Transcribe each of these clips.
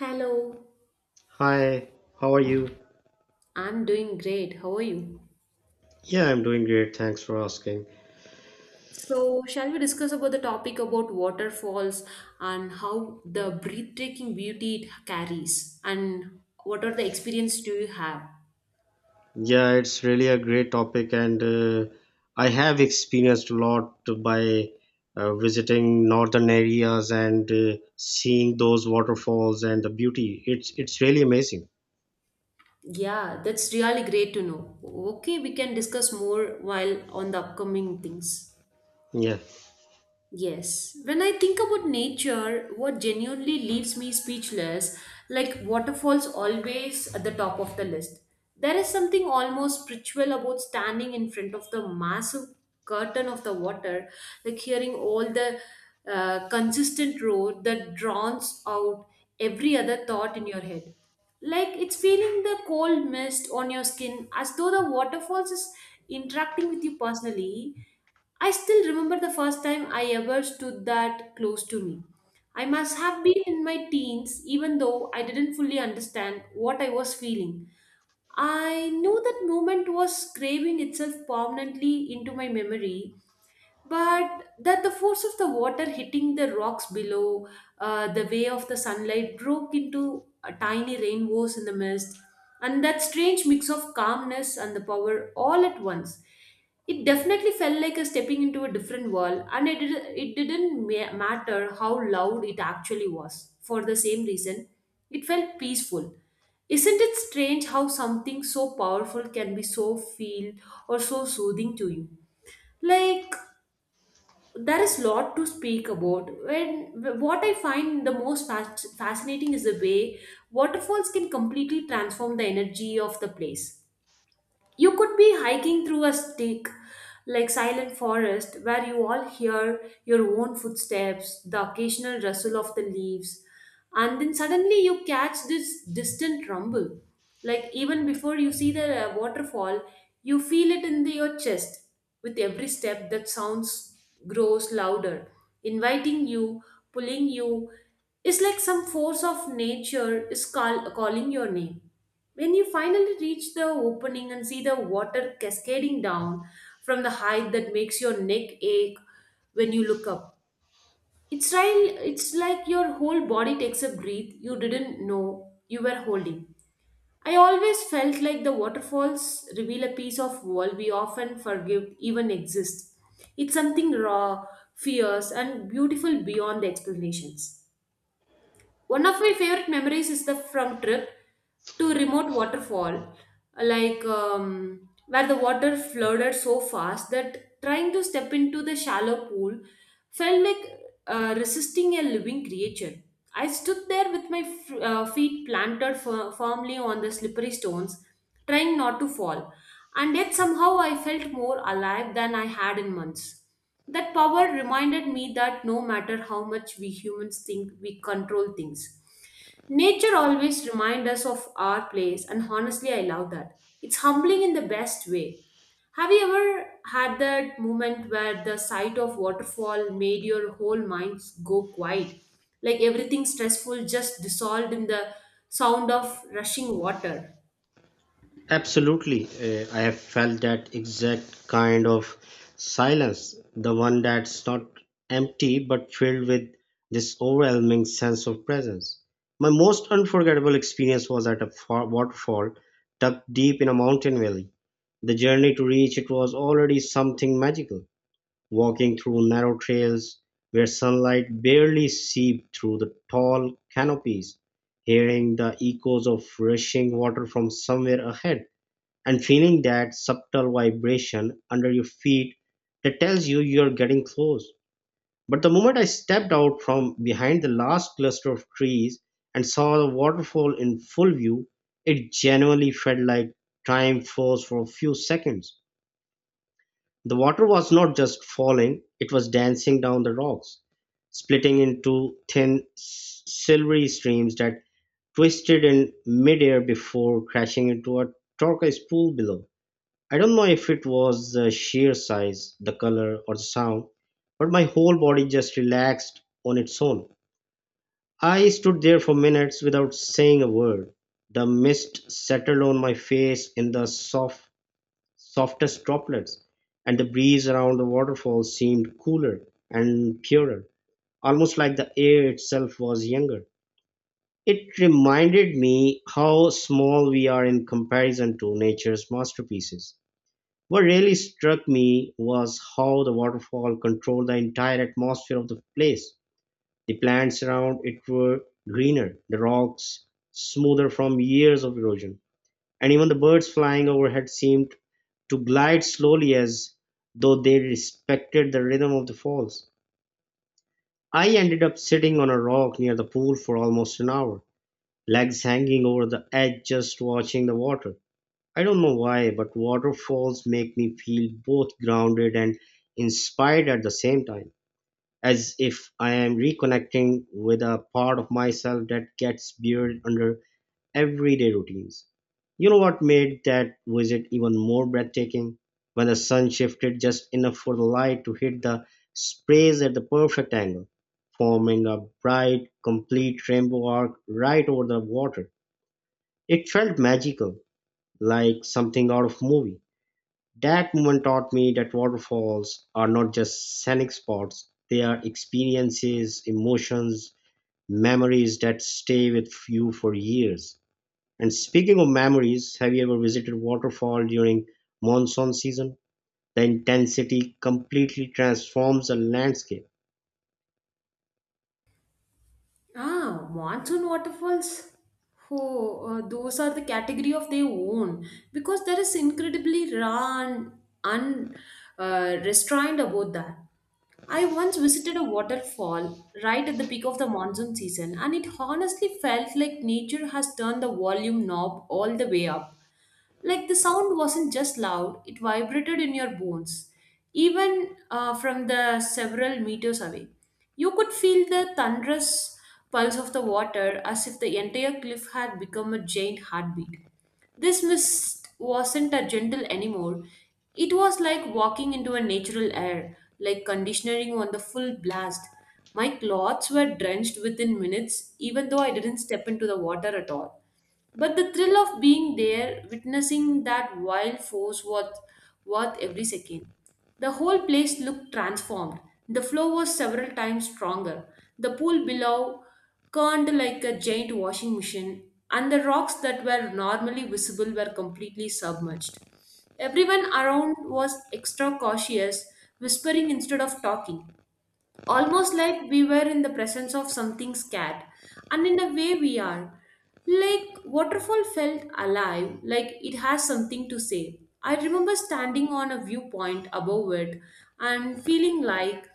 Hello. Hi, how are you? I'm doing great. How are you? Yeah, I'm doing great. Thanks for asking. So, shall we discuss about the topic about waterfalls and how the breathtaking beauty it carries and what are the experience do you have? Yeah, it's really a great topic, and I have experienced a lot by visiting northern areas and seeing those waterfalls and the beauty. It's really amazing. Yeah, that's really great to know. Okay, we can discuss more while on the upcoming things. Yeah. Yes. When I think about nature, what genuinely leaves me speechless, like waterfalls always at the top of the list. There is something almost spiritual about standing in front of the massive curtain of the water, like hearing all the consistent roar that drowns out every other thought in your head. Like it's feeling the cold mist on your skin as though the waterfalls is interacting with you personally. I still remember the first time I ever stood that close to me. I must have been in my teens, even though I didn't fully understand what I was feeling. I knew that moment was craving itself permanently into my memory, but that the force of the water hitting the rocks below, the way of the sunlight broke into tiny rainbows in the mist, and that strange mix of calmness and the power all at once. It definitely felt like a stepping into a different world, and it didn't matter how loud it actually was. For the same reason, it felt peaceful. Isn't it strange how something so powerful can be so feel or so soothing to you? Like there is lot to speak about when what I find the most fascinating is the way waterfalls can completely transform the energy of the place. You could be hiking through a stick, like silent forest, where you all hear your own footsteps, the occasional rustle of the leaves, and then suddenly you catch this distant rumble. Like even before you see the waterfall, you feel it in your chest. With every step, that sounds grows louder, inviting you, pulling you. It's like some force of nature is calling your name. When you finally reach the opening and see the water cascading down from the height that makes your neck ache when you look up, it's like your whole body takes a breath you didn't know you were holding. I always felt like the waterfalls reveal a piece of world we often forgive even exist. It's something raw, fierce, and beautiful beyond the explanations. One of my favorite memories is the from trip to remote waterfall, where the water flooded so fast that trying to step into the shallow pool felt like resisting a living creature. I stood there with my feet planted firmly on the slippery stones, trying not to fall, and yet somehow I felt more alive than I had in months. That power reminded me that no matter how much we humans think we control things, nature always reminds us of our place, and honestly, I love that. It's humbling in the best way. Have you ever had that moment where the sight of waterfall made your whole mind go quiet? Like everything stressful just dissolved in the sound of rushing water. Absolutely. I have felt that exact kind of silence, the one that's not empty but filled with this overwhelming sense of presence. My most unforgettable experience was at a waterfall tucked deep in a mountain valley. The journey to reach it was already something magical, walking through narrow trails where sunlight barely seeped through the tall canopies, hearing the echoes of rushing water from somewhere ahead and feeling that subtle vibration under your feet that tells you you're getting close. But the moment I stepped out from behind the last cluster of trees and saw the waterfall in full view, it genuinely felt like time froze for a few seconds. The water was not just falling, it was dancing down the rocks, splitting into thin, silvery streams that twisted in midair before crashing into a turquoise pool below. I don't know if it was the sheer size, the color, or the sound, but my whole body just relaxed on its own. I stood there for minutes without saying a word. The mist settled on my face in the soft, softest droplets, and the breeze around the waterfall seemed cooler and purer, almost like the air itself was younger. It reminded me how small we are in comparison to nature's masterpieces. What really struck me was how the waterfall controlled the entire atmosphere of the place. The plants around it were greener, the rocks smoother from years of erosion, and even the birds flying overhead seemed to glide slowly as though they respected the rhythm of the falls. I ended up sitting on a rock near the pool for almost an hour, legs hanging over the edge just watching the water. I don't know why, but waterfalls make me feel both grounded and inspired at the same time, as if I am reconnecting with a part of myself that gets buried under everyday routines. You know what made that visit even more breathtaking? When the sun shifted just enough for the light to hit the sprays at the perfect angle, forming a bright, complete rainbow arc right over the water. It felt magical, like something out of movie. That moment taught me that waterfalls are not just scenic spots, they are experiences, emotions, memories that stay with you for years. And speaking of memories, have you ever visited waterfall during monsoon season? The intensity completely transforms a landscape. Ah, monsoon waterfalls. Oh, those are the category of their own because there is incredibly raw and un, restrained about that. I once visited a waterfall right at the peak of the monsoon season, and it honestly felt like nature has turned the volume knob all the way up. Like the sound wasn't just loud, it vibrated in your bones, even from the several meters away. You could feel the thunderous pulse of the water as if the entire cliff had become a giant heartbeat. This mist wasn't a gentle anymore. It was like walking into a natural air, like conditioning on the full blast. My clothes were drenched within minutes, even though I didn't step into the water at all. But the thrill of being there, witnessing that wild force was worth every second. The whole place looked transformed. The flow was several times stronger. The pool below curved like a giant washing machine, and the rocks that were normally visible were completely submerged. Everyone around was extra cautious, whispering instead of talking, almost like we were in the presence of something scared, and in a way we are. Like waterfall felt alive, like it has something to say. I remember standing on a viewpoint above it and feeling like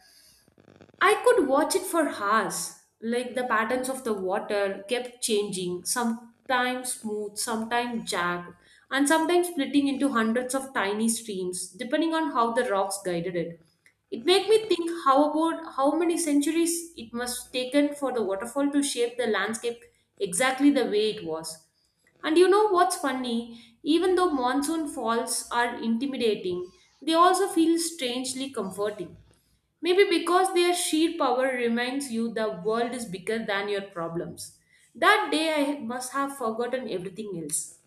I could watch it for hours. Like the patterns of the water kept changing, sometimes smooth, sometimes jagged, and sometimes splitting into hundreds of tiny streams, depending on how the rocks guided it. It made me think how about how many centuries it must taken for the waterfall to shape the landscape exactly the way it was. And you know what's funny? Even though monsoon falls are intimidating, they also feel strangely comforting. Maybe because their sheer power reminds you the world is bigger than your problems. That day I must have forgotten everything else,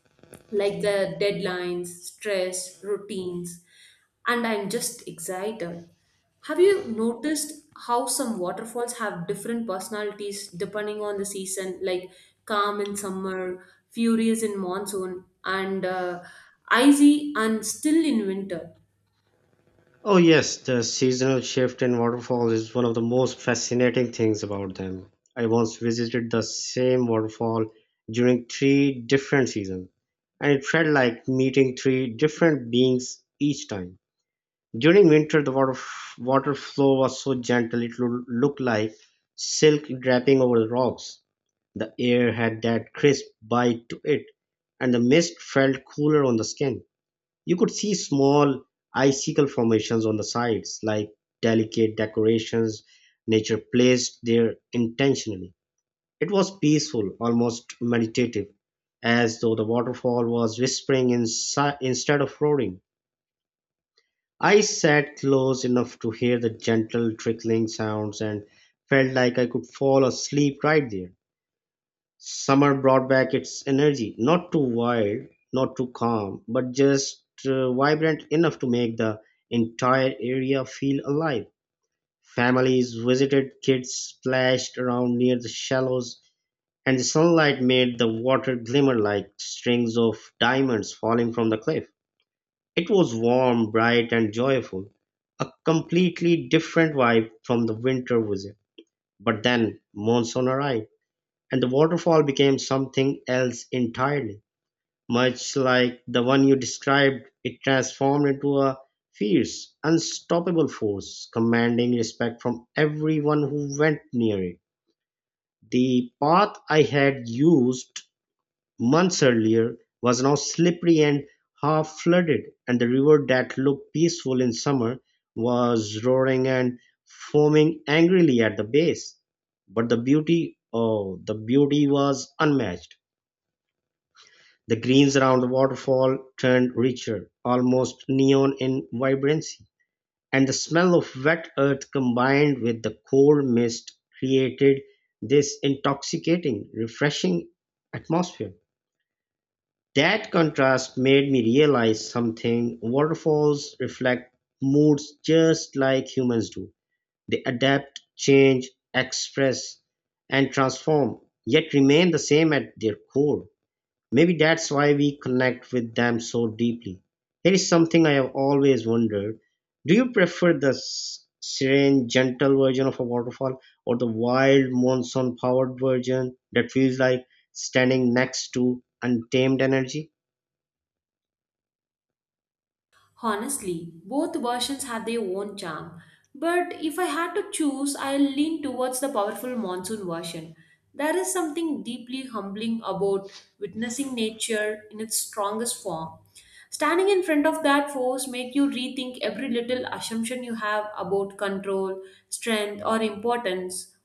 like the deadlines, stress, routines, and I'm just excited. Have you noticed how some waterfalls have different personalities depending on the season, like calm in summer, furious in monsoon, and icy and still in winter? Oh, yes, the seasonal shift in waterfalls is one of the most fascinating things about them. I once visited the same waterfall during three different seasons, and it felt like meeting three different beings each time. During winter, the water flow was so gentle it looked like silk draping over the rocks. The air had that crisp bite to it, and the mist felt cooler on the skin. You could see small icicle formations on the sides, like delicate decorations nature placed there intentionally. It was peaceful, almost meditative, as though the waterfall was whispering instead of roaring. I sat close enough to hear the gentle trickling sounds and felt like I could fall asleep right there. Summer brought back its energy, not too wild, not too calm, but just vibrant enough to make the entire area feel alive. Families visited, kids splashed around near the shallows, and the sunlight made the water glimmer like strings of diamonds falling from the cliff. It was warm, bright, and joyful, a completely different vibe from the winter visit. But then monsoon arrived and the waterfall became something else entirely. Much like the one you described, it transformed into a fierce, unstoppable force, commanding respect from everyone who went near it. The path I had used months earlier was now slippery and half flooded, and the river that looked peaceful in summer was roaring and foaming angrily at the base. But the beauty, oh, the beauty was unmatched. The greens around the waterfall turned richer, almost neon in vibrancy, and the smell of wet earth combined with the cold mist created this intoxicating, refreshing atmosphere. That contrast made me realize something. Waterfalls reflect moods just like humans do. They adapt, change, express, and transform, yet remain the same at their core. Maybe that's why we connect with them so deeply. Here is something I have always wondered. Do you prefer the serene, gentle version of a waterfall or the wild, monsoon powered version that feels like standing next to untamed energy? Honestly, both versions have their own charm, but if I had to choose, I'll lean towards the powerful monsoon version. There is something deeply humbling about witnessing nature in its strongest form. Standing in front of that force make you rethink every little assumption you have about control, strength, or importance.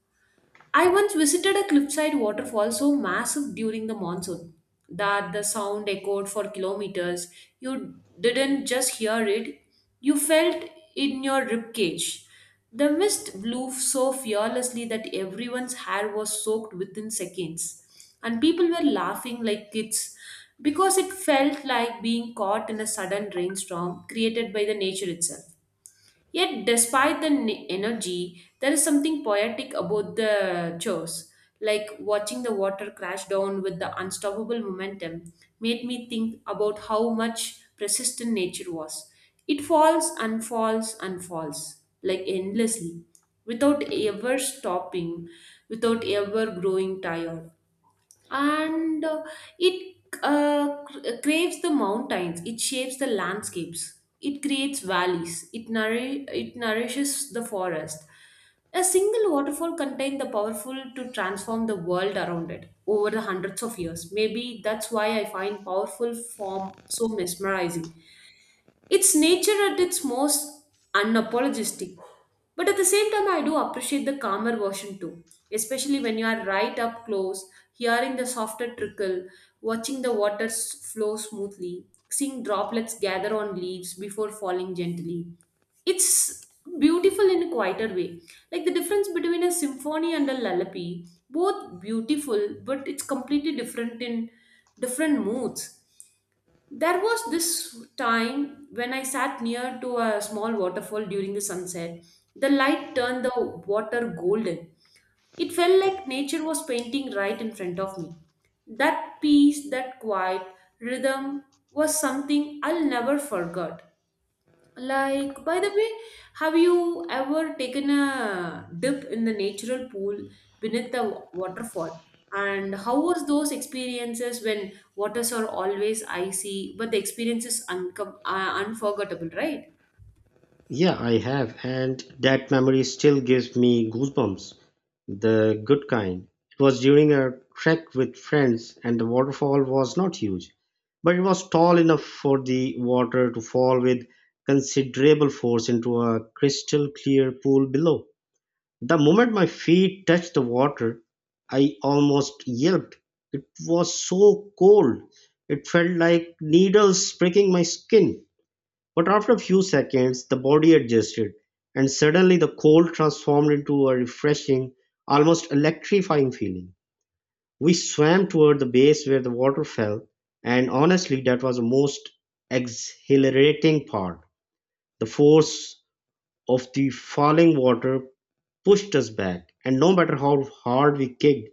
I once visited a cliffside waterfall so massive during the monsoon that the sound echoed for kilometers. You didn't just hear it, you felt in your ribcage. The mist blew so fearlessly that everyone's hair was soaked within seconds, and people were laughing like kids because it felt like being caught in a sudden rainstorm created by the nature itself. Yet, despite the energy, there is something poetic about the chores. Like watching the water crash down with the unstoppable momentum made me think about how much persistent nature was. It falls and falls and falls, like endlessly, without ever stopping, without ever growing tired, and it craves the mountains. It shapes the landscapes. It creates valleys. It nourishes the forest. A single waterfall contained the powerful to transform the world around it over the hundreds of years. Maybe that's why I find powerful form so mesmerizing. It's nature at its most unapologetic. But at the same time, I do appreciate the calmer version too, especially when you are right up close, hearing the softer trickle, watching the water flow smoothly, seeing droplets gather on leaves before falling gently. It's beautiful in a quieter way. Like the difference between a symphony and a lullaby, both beautiful, but it's completely different in different moods. There was this time when I sat near to a small waterfall during the sunset. The light turned the water golden. It felt like nature was painting right in front of me. That peace, that quiet rhythm was something I'll never forget. Like, by the way, have you ever taken a dip in the natural pool beneath the waterfall? And how was those experiences when waters are always icy, but the experience is unforgettable, right? Yeah, I have, and that memory still gives me goosebumps. The good kind. It was during a trek with friends, and the waterfall was not huge, but it was tall enough for the water to fall with considerable force into a crystal clear pool below. The moment my feet touched the water, I almost yelped. It was so cold. It felt like needles pricking my skin. But after a few seconds, the body adjusted, and suddenly the cold transformed into a refreshing, almost electrifying feeling. We swam toward the base where the water fell, and honestly, that was the most exhilarating part. The force of the falling water pushed us back, and no matter how hard we kicked,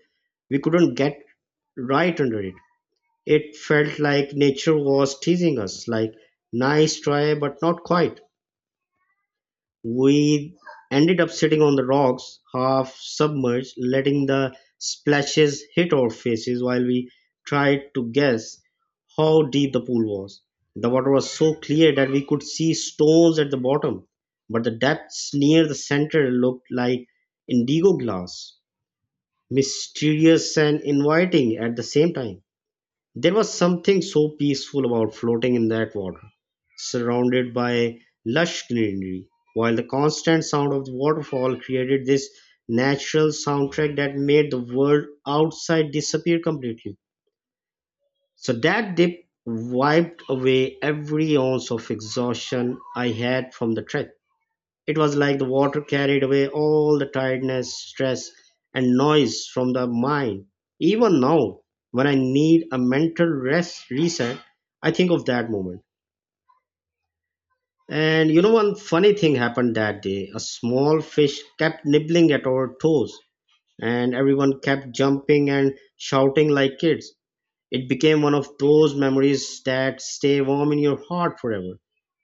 we couldn't get right under it. It felt like nature was teasing us, like, nice try, but not quite. We ended up sitting on the rocks, half submerged, letting the splashes hit our faces while we tried to guess how deep the pool was. The water was so clear that we could see stones at the bottom, but the depths near the center looked like indigo glass, mysterious and inviting at the same time. There was something so peaceful about floating in that water, surrounded by lush greenery, while the constant sound of the waterfall created this natural soundtrack that made the world outside disappear completely. So that dip wiped away every ounce of exhaustion I had from the trek. It was like the water carried away all the tiredness, stress, and noise from the mind. Even now, when I need a mental rest reset, I think of that moment. And you know, one funny thing happened that day. A small fish kept nibbling at our toes, and everyone kept jumping and shouting like kids. It became one of those memories that stay warm in your heart forever.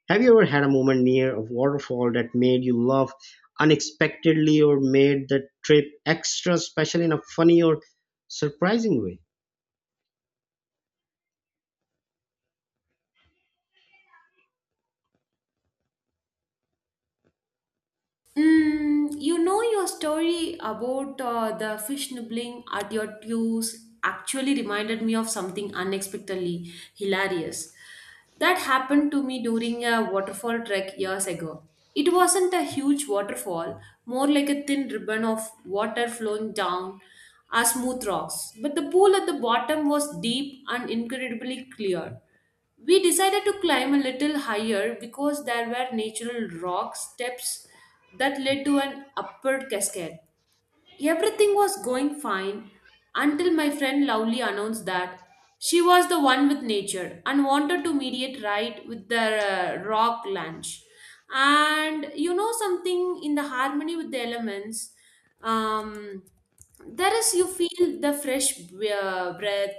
Have you ever had a moment near a waterfall that made you laugh unexpectedly or made the trip extra special in a funny or surprising way? Mm, you know your story about the fish nibbling at your toes actually reminded me of something unexpectedly hilarious that happened to me during a waterfall trek years ago. It wasn't a huge waterfall, more like a thin ribbon of water flowing down our smooth rocks, but the pool at the bottom was deep and incredibly clear. We decided to climb a little higher because there were natural rock steps that led to an upward cascade. Everything was going fine until my friend Lovely announced that she was the one with nature and wanted to mediate right with the rock lunch. And you know something in the harmony with the elements, um, there is you feel the fresh breath,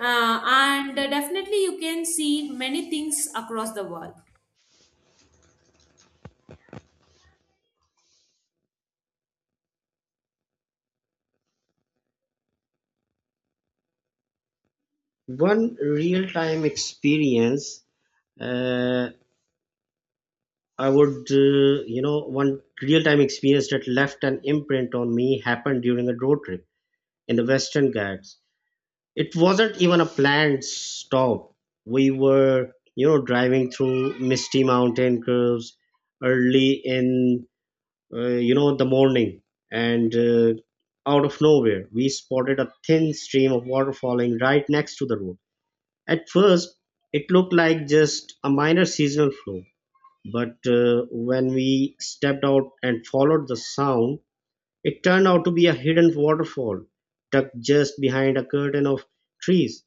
and definitely you can see many things across the world. One real time experience, uh, I would, you know, One real time experience that left an imprint on me happened during a road trip in the Western Ghats. It wasn't even a planned stop. We were, you know, driving through misty mountain curves early in you know, the morning, and out of nowhere, we spotted a thin stream of water falling right next to the road. At first, it looked like just a minor seasonal flow, but when we stepped out and followed the sound, it turned out to be a hidden waterfall tucked just behind a curtain of trees.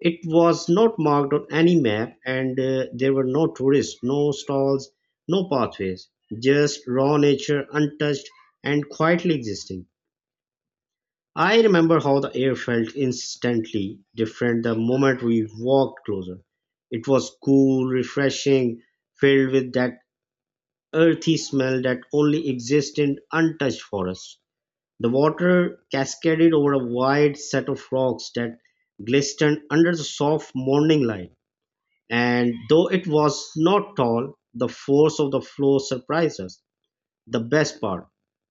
It was not marked on any map, and there were no tourists, no stalls, no pathways, just raw nature, untouched and quietly existing. I remember how the air felt instantly different the moment we walked closer. It was cool, refreshing, filled with that earthy smell that only exists in untouched forests. The water cascaded over a wide set of rocks that glistened under the soft morning light, and though it was not tall, the force of the flow surprised us. The best part,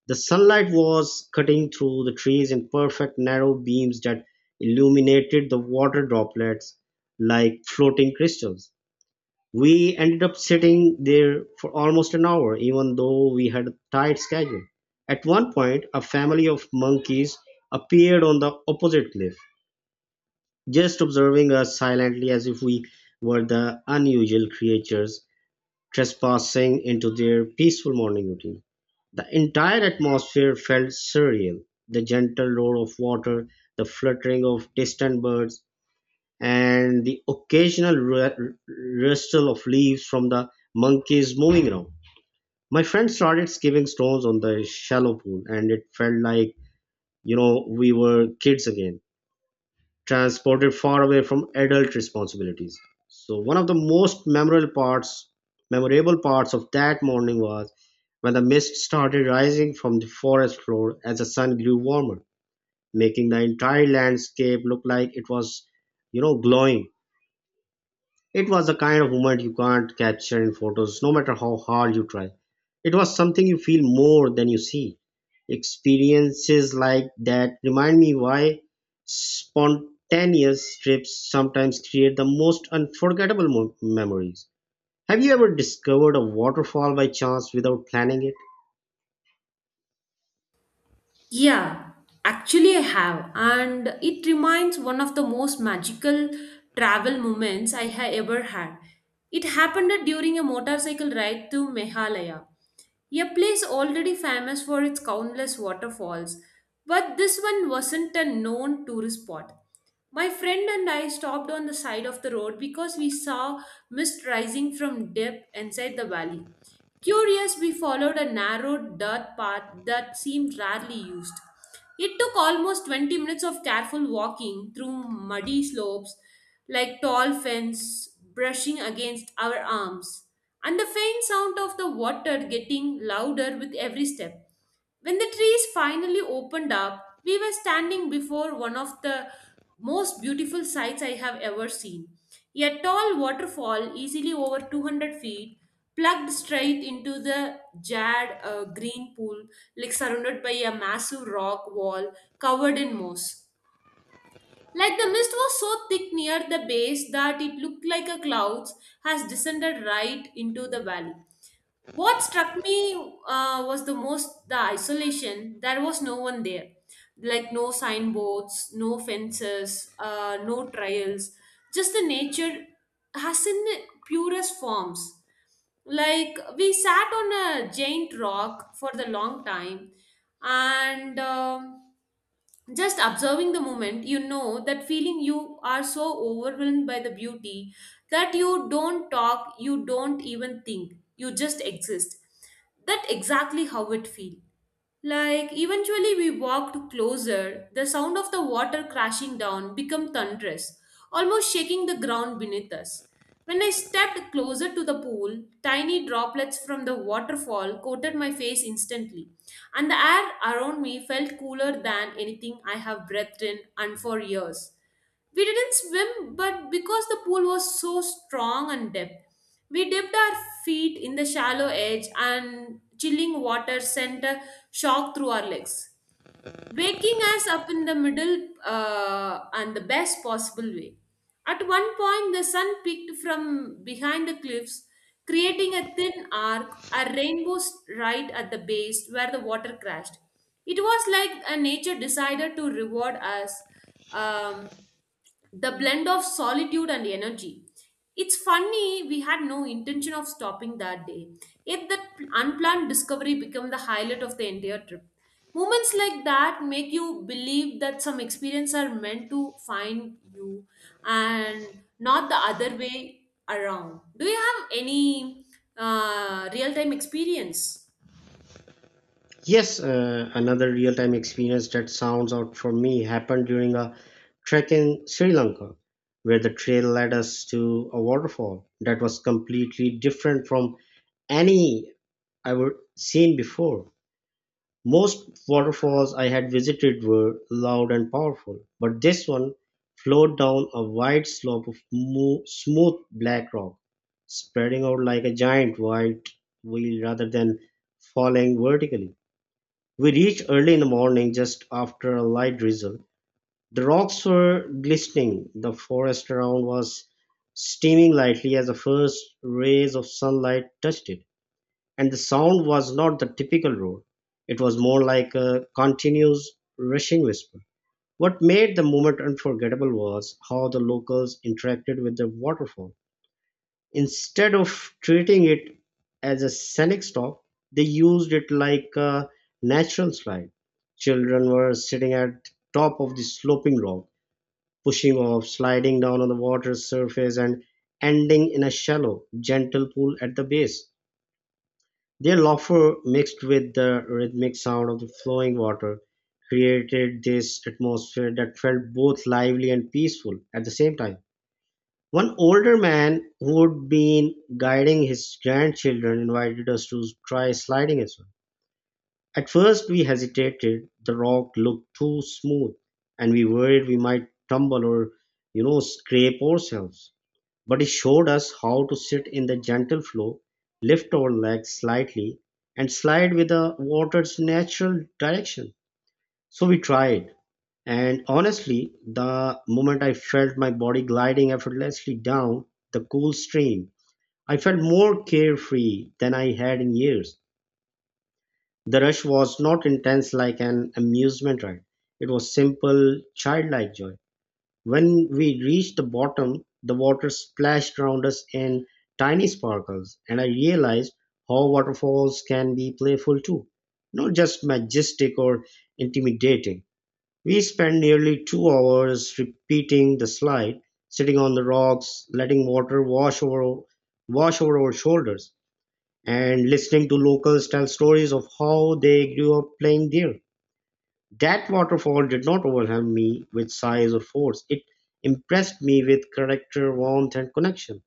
the sunlight was cutting through the trees in perfect narrow beams that illuminated the water droplets like floating crystals. We ended up sitting there for almost an hour, even though we had a tight schedule. At one point, a family of monkeys appeared on the opposite cliff, just observing us silently as if we were the unusual creatures trespassing into their peaceful morning routine. The entire atmosphere felt surreal. The gentle roar of water, the fluttering of distant birds, and the occasional rustle of leaves from the monkeys moving around. My friend started skipping stones on the shallow pool, and it felt like, you know, we were kids again transported far away from adult responsibilities. So one of the memorable parts of that morning was when the mist started rising from the forest floor as the sun grew warmer, making the entire landscape look like it was, you know, glowing. It was the kind of moment you can't capture in photos, no matter how hard you try. It was something you feel more than you see. Experiences like that remind me why spontaneous trips sometimes create the most unforgettable memories. Have you ever discovered a waterfall by chance without planning it? Yeah, actually I have, and it reminds one of the most magical travel moments I have ever had. It happened during a motorcycle ride to Meghalaya, a place already famous for its countless waterfalls, but this one wasn't a known tourist spot. My friend and I stopped on the side of the road because we saw mist rising from depth inside the valley. Curious, we followed a narrow dirt path that seemed rarely used. It took almost 20 minutes of careful walking through muddy slopes like tall fence brushing against our arms, and the faint sound of the water getting louder with every step. When the trees finally opened up, we were standing before one of the most beautiful sights I have ever seen. A tall waterfall, easily over 200 feet, plugged straight into the jarred green pool, like surrounded by a massive rock wall covered in moss. Like the mist was so thick near the base that it looked like a cloud has descended right into the valley. What struck me was the isolation. There was no one there, like no signboards, no fences, no trails. Just the nature has in its purest forms. Like we sat on a giant rock for the long time, and. Just observing the moment. That feeling you are so overwhelmed by the beauty that you don't talk, you don't even think, you just exist, that exactly how it feel. Like eventually we walked closer, the sound of the water crashing down become thunderous, almost shaking the ground beneath us. When I stepped closer to the pool, tiny droplets from the waterfall coated my face instantly, and the air around me felt cooler than anything I have breathed in and for years. We didn't swim, but because the pool was so strong and deep, we dipped our feet in the shallow edge, and chilling water sent a shock through our legs, waking us up in the middle and the best possible way. At one point, the sun peeked from behind the cliffs, creating a thin arc, a rainbow right at the base where the water crashed. It was like a nature decided to reward us. Um, the blend of solitude and energy. It's funny, we had no intention of stopping that day, yet that unplanned discovery became the highlight of the entire trip. Moments like that make you believe that some experiences are meant to find you and not the other way around. Do you have any real time experience? Yes, another real time experience that sounds out for me happened during a trek in Sri Lanka, where the trail led us to a waterfall that was completely different from any I would seen before. Most waterfalls I had visited were loud and powerful, but this one flowed down a wide slope of smooth black rock, spreading out like a giant white wheel rather than falling vertically. We reached early in the morning, just after a light drizzle. The rocks were glistening. The forest around was steaming lightly as the first rays of sunlight touched it. And the sound was not the typical roar. It was more like a continuous rushing whisper. What made the moment unforgettable was how the locals interacted with the waterfall. Instead of treating it as a scenic stop, they used it like a natural slide. Children were sitting at top of the sloping rock, pushing off, sliding down on the water's surface, and ending in a shallow, gentle pool at the base. Their laughter mixed with the rhythmic sound of the flowing water created this atmosphere that felt both lively and peaceful at the same time. One older man who'd been guiding his grandchildren invited us to try sliding as well. At first, we hesitated. The rock looked too smooth, and we worried we might tumble or, you know, scrape ourselves. But he showed us how to sit in the gentle flow, lift our legs slightly, and slide with the water's natural direction. So we tried, and honestly, the moment I felt my body gliding effortlessly down the cool stream, I felt more carefree than I had in years. The rush was not intense like an amusement ride, it was simple, childlike joy. When we reached the bottom, the water splashed around us in tiny sparkles, and I realized how waterfalls can be playful too, not just majestic or intimidating. We spent nearly 2 hours repeating the slide, sitting on the rocks, letting wash over our shoulders, and listening to locals tell stories of how they grew up playing there. That waterfall did not overwhelm me with size or force. It impressed me with character, warmth, and connection.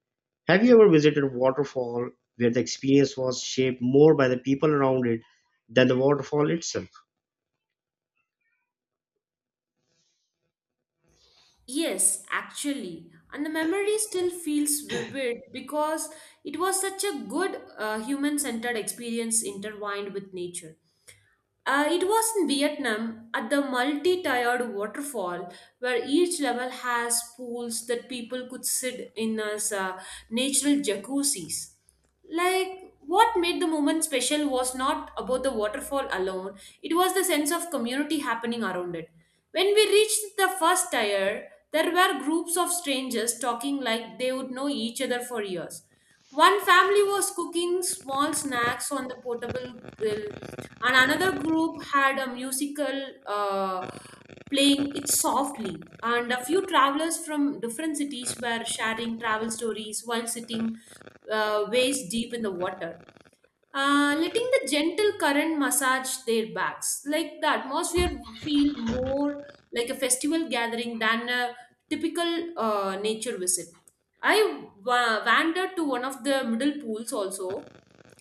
Have you ever visited a waterfall where the experience was shaped more by the people around it than the waterfall itself? Yes, actually. And the memory still feels vivid because it was such a good human centered experience intertwined with nature. It was in Vietnam at the multi tiered waterfall where each level has pools that people could sit in as natural jacuzzis. Like, what made the moment special was not about the waterfall alone, it was the sense of community happening around it. When we reached the first tier, there were groups of strangers talking like they would know each other for years. One family was cooking small snacks on the portable grill, and another group had a musical uh, playing it softly. And a few travelers from different cities were sharing travel stories while sitting waist deep in the water, letting the gentle current massage their backs. Like the atmosphere feel more like a festival gathering than a typical nature visit. Wandered to one of the middle pools also,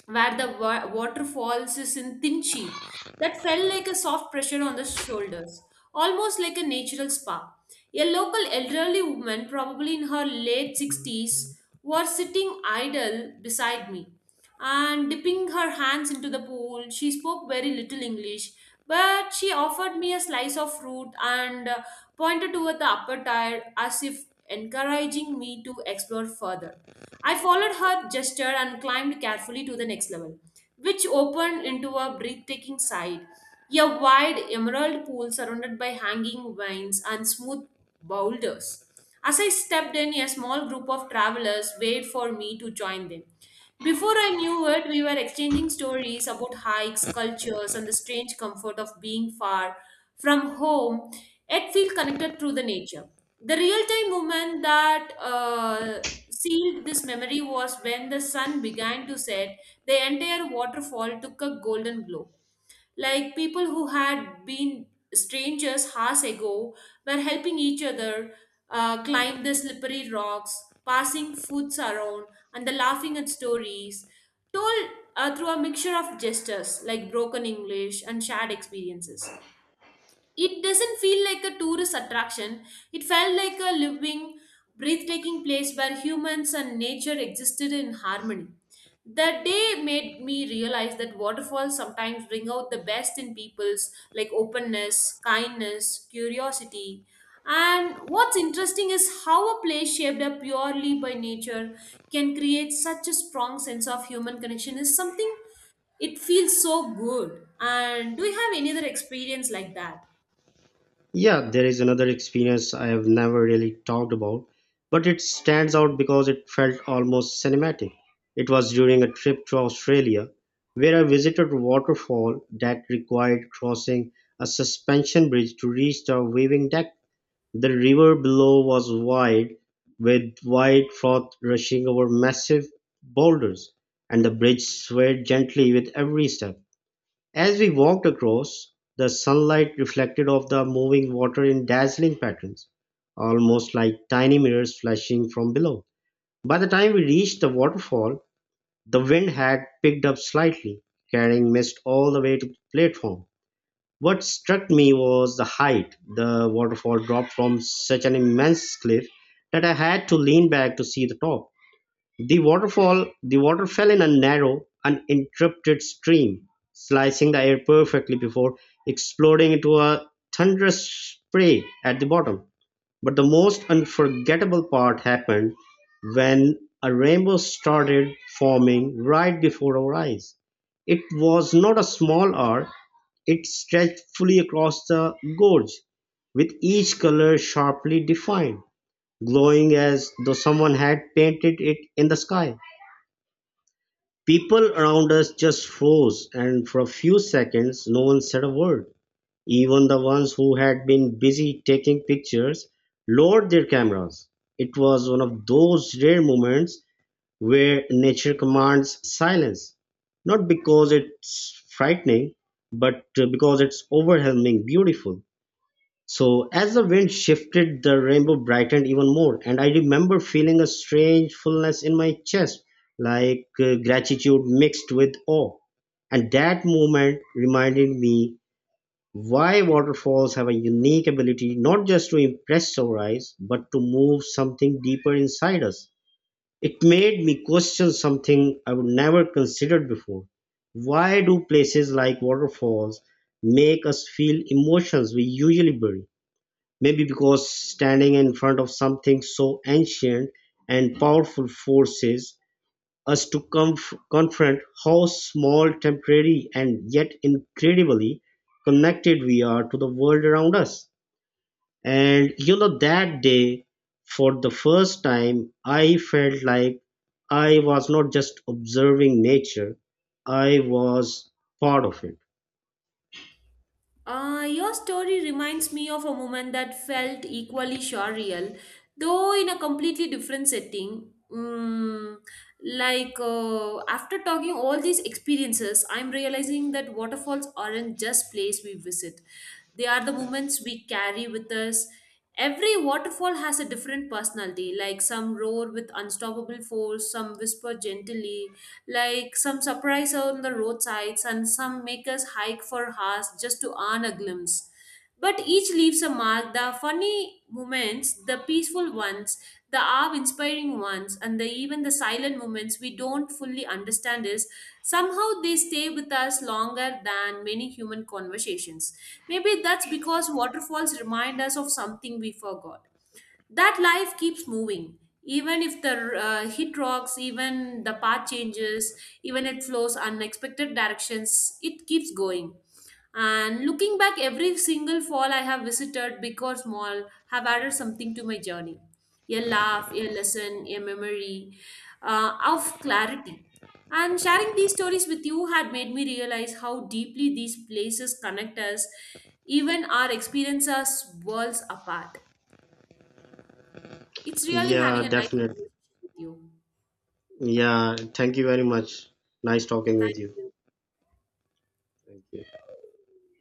where the water falls is in thin sheet that felt like a soft pressure on the shoulders, almost like a natural spa. A local elderly woman, probably in her late 60s, was sitting idle beside me and dipping her hands into the pool, she spoke very little English. But she offered me a slice of fruit and pointed toward the upper tier as if encouraging me to explore further. I followed her gesture and climbed carefully to the next level, which opened into a breathtaking sight. A wide emerald pool surrounded by hanging vines and smooth boulders. As I stepped in, a small group of travelers waited for me to join them. Before I knew it, we were exchanging stories about hikes, cultures, and the strange comfort of being far from home yet feel connected through the nature. The real time moment that sealed this memory was when the sun began to set, the entire waterfall took a golden glow. Like people who had been strangers hours ago were helping each other climb the slippery rocks, passing foods around, and the laughing at stories told through a mixture of gestures like broken English and shared experiences. It doesn't feel like a tourist attraction. It felt like a living, breathtaking place where humans and nature existed in harmony. That day made me realize that waterfalls sometimes bring out the best in people's like openness, kindness, curiosity. And what's interesting is how a place shaped up purely by nature can create such a strong sense of human connection is something, it feels so good. And do you have any other experience like that? Yeah, there is another experience I have never really talked about, but it stands out because it felt almost cinematic. It was during a trip to Australia where I visited a waterfall that required crossing a suspension bridge to reach the waving deck. The river below was wide, with white froth rushing over massive boulders, and the bridge swayed gently with every step. As we walked across, the sunlight reflected off the moving water in dazzling patterns, almost like tiny mirrors flashing from below. By the time we reached the waterfall, the wind had picked up slightly, carrying mist all the way to the platform. What struck me was the height. The waterfall dropped from such an immense cliff that I had to lean back to see the top. The water fell in a narrow, uninterrupted stream, slicing the air perfectly before exploding into a thunderous spray at the bottom. But the most unforgettable part happened when a rainbow started forming right before our eyes. It was not a small arc, it stretched fully across the gorge, with each color sharply defined, glowing as though someone had painted it in the sky. People around us just froze, and for a few seconds, no one said a word. Even the ones who had been busy taking pictures lowered their cameras. It was one of those rare moments where nature commands silence, not because it's frightening, but because it's overwhelming, beautiful. So as the wind shifted, the rainbow brightened even more, and I remember feeling a strange fullness in my chest, like gratitude mixed with awe. And that moment reminded me why waterfalls have a unique ability not just to impress our eyes, but to move something deeper inside us. It made me question something I would never considered before. Why do places like waterfalls make us feel emotions we usually bury? Maybe because standing in front of something so ancient and powerful forces us to confront how small, temporary, and yet incredibly connected we are to the world around us. And you know, that day, for the first time, I felt like I was not just observing nature, I was part of it. Your story reminds me of a moment that felt equally surreal, though in a completely different setting. Mm, like after talking all these experiences, I'm realizing that waterfalls aren't just place we visit, they are the moments we carry with us. Every waterfall has a different personality, like some roar with unstoppable force, some whisper gently, like some surprise on the roadsides, and some make us hike for hours just to earn a glimpse. But each leaves a mark, the funny moments, the peaceful ones, the awe inspiring ones, and the, even the silent moments we don't fully understand is somehow they stay with us longer than many human conversations. Maybe that's because waterfalls remind us of something we forgot, that life keeps moving even if the hit rocks, even the path changes, even it flows unexpected directions, it keeps going. And looking back, every single fall I have visited, big or small, have added something to my journey, a laugh, a lesson, a memory of clarity. And sharing these stories with you had made me realize how deeply these places connect us, even our experiences worlds apart. It's really having Yeah, a nice definitely. conversation with you. Yeah, thank you very much. Nice talking Thank with you. you. Thank you.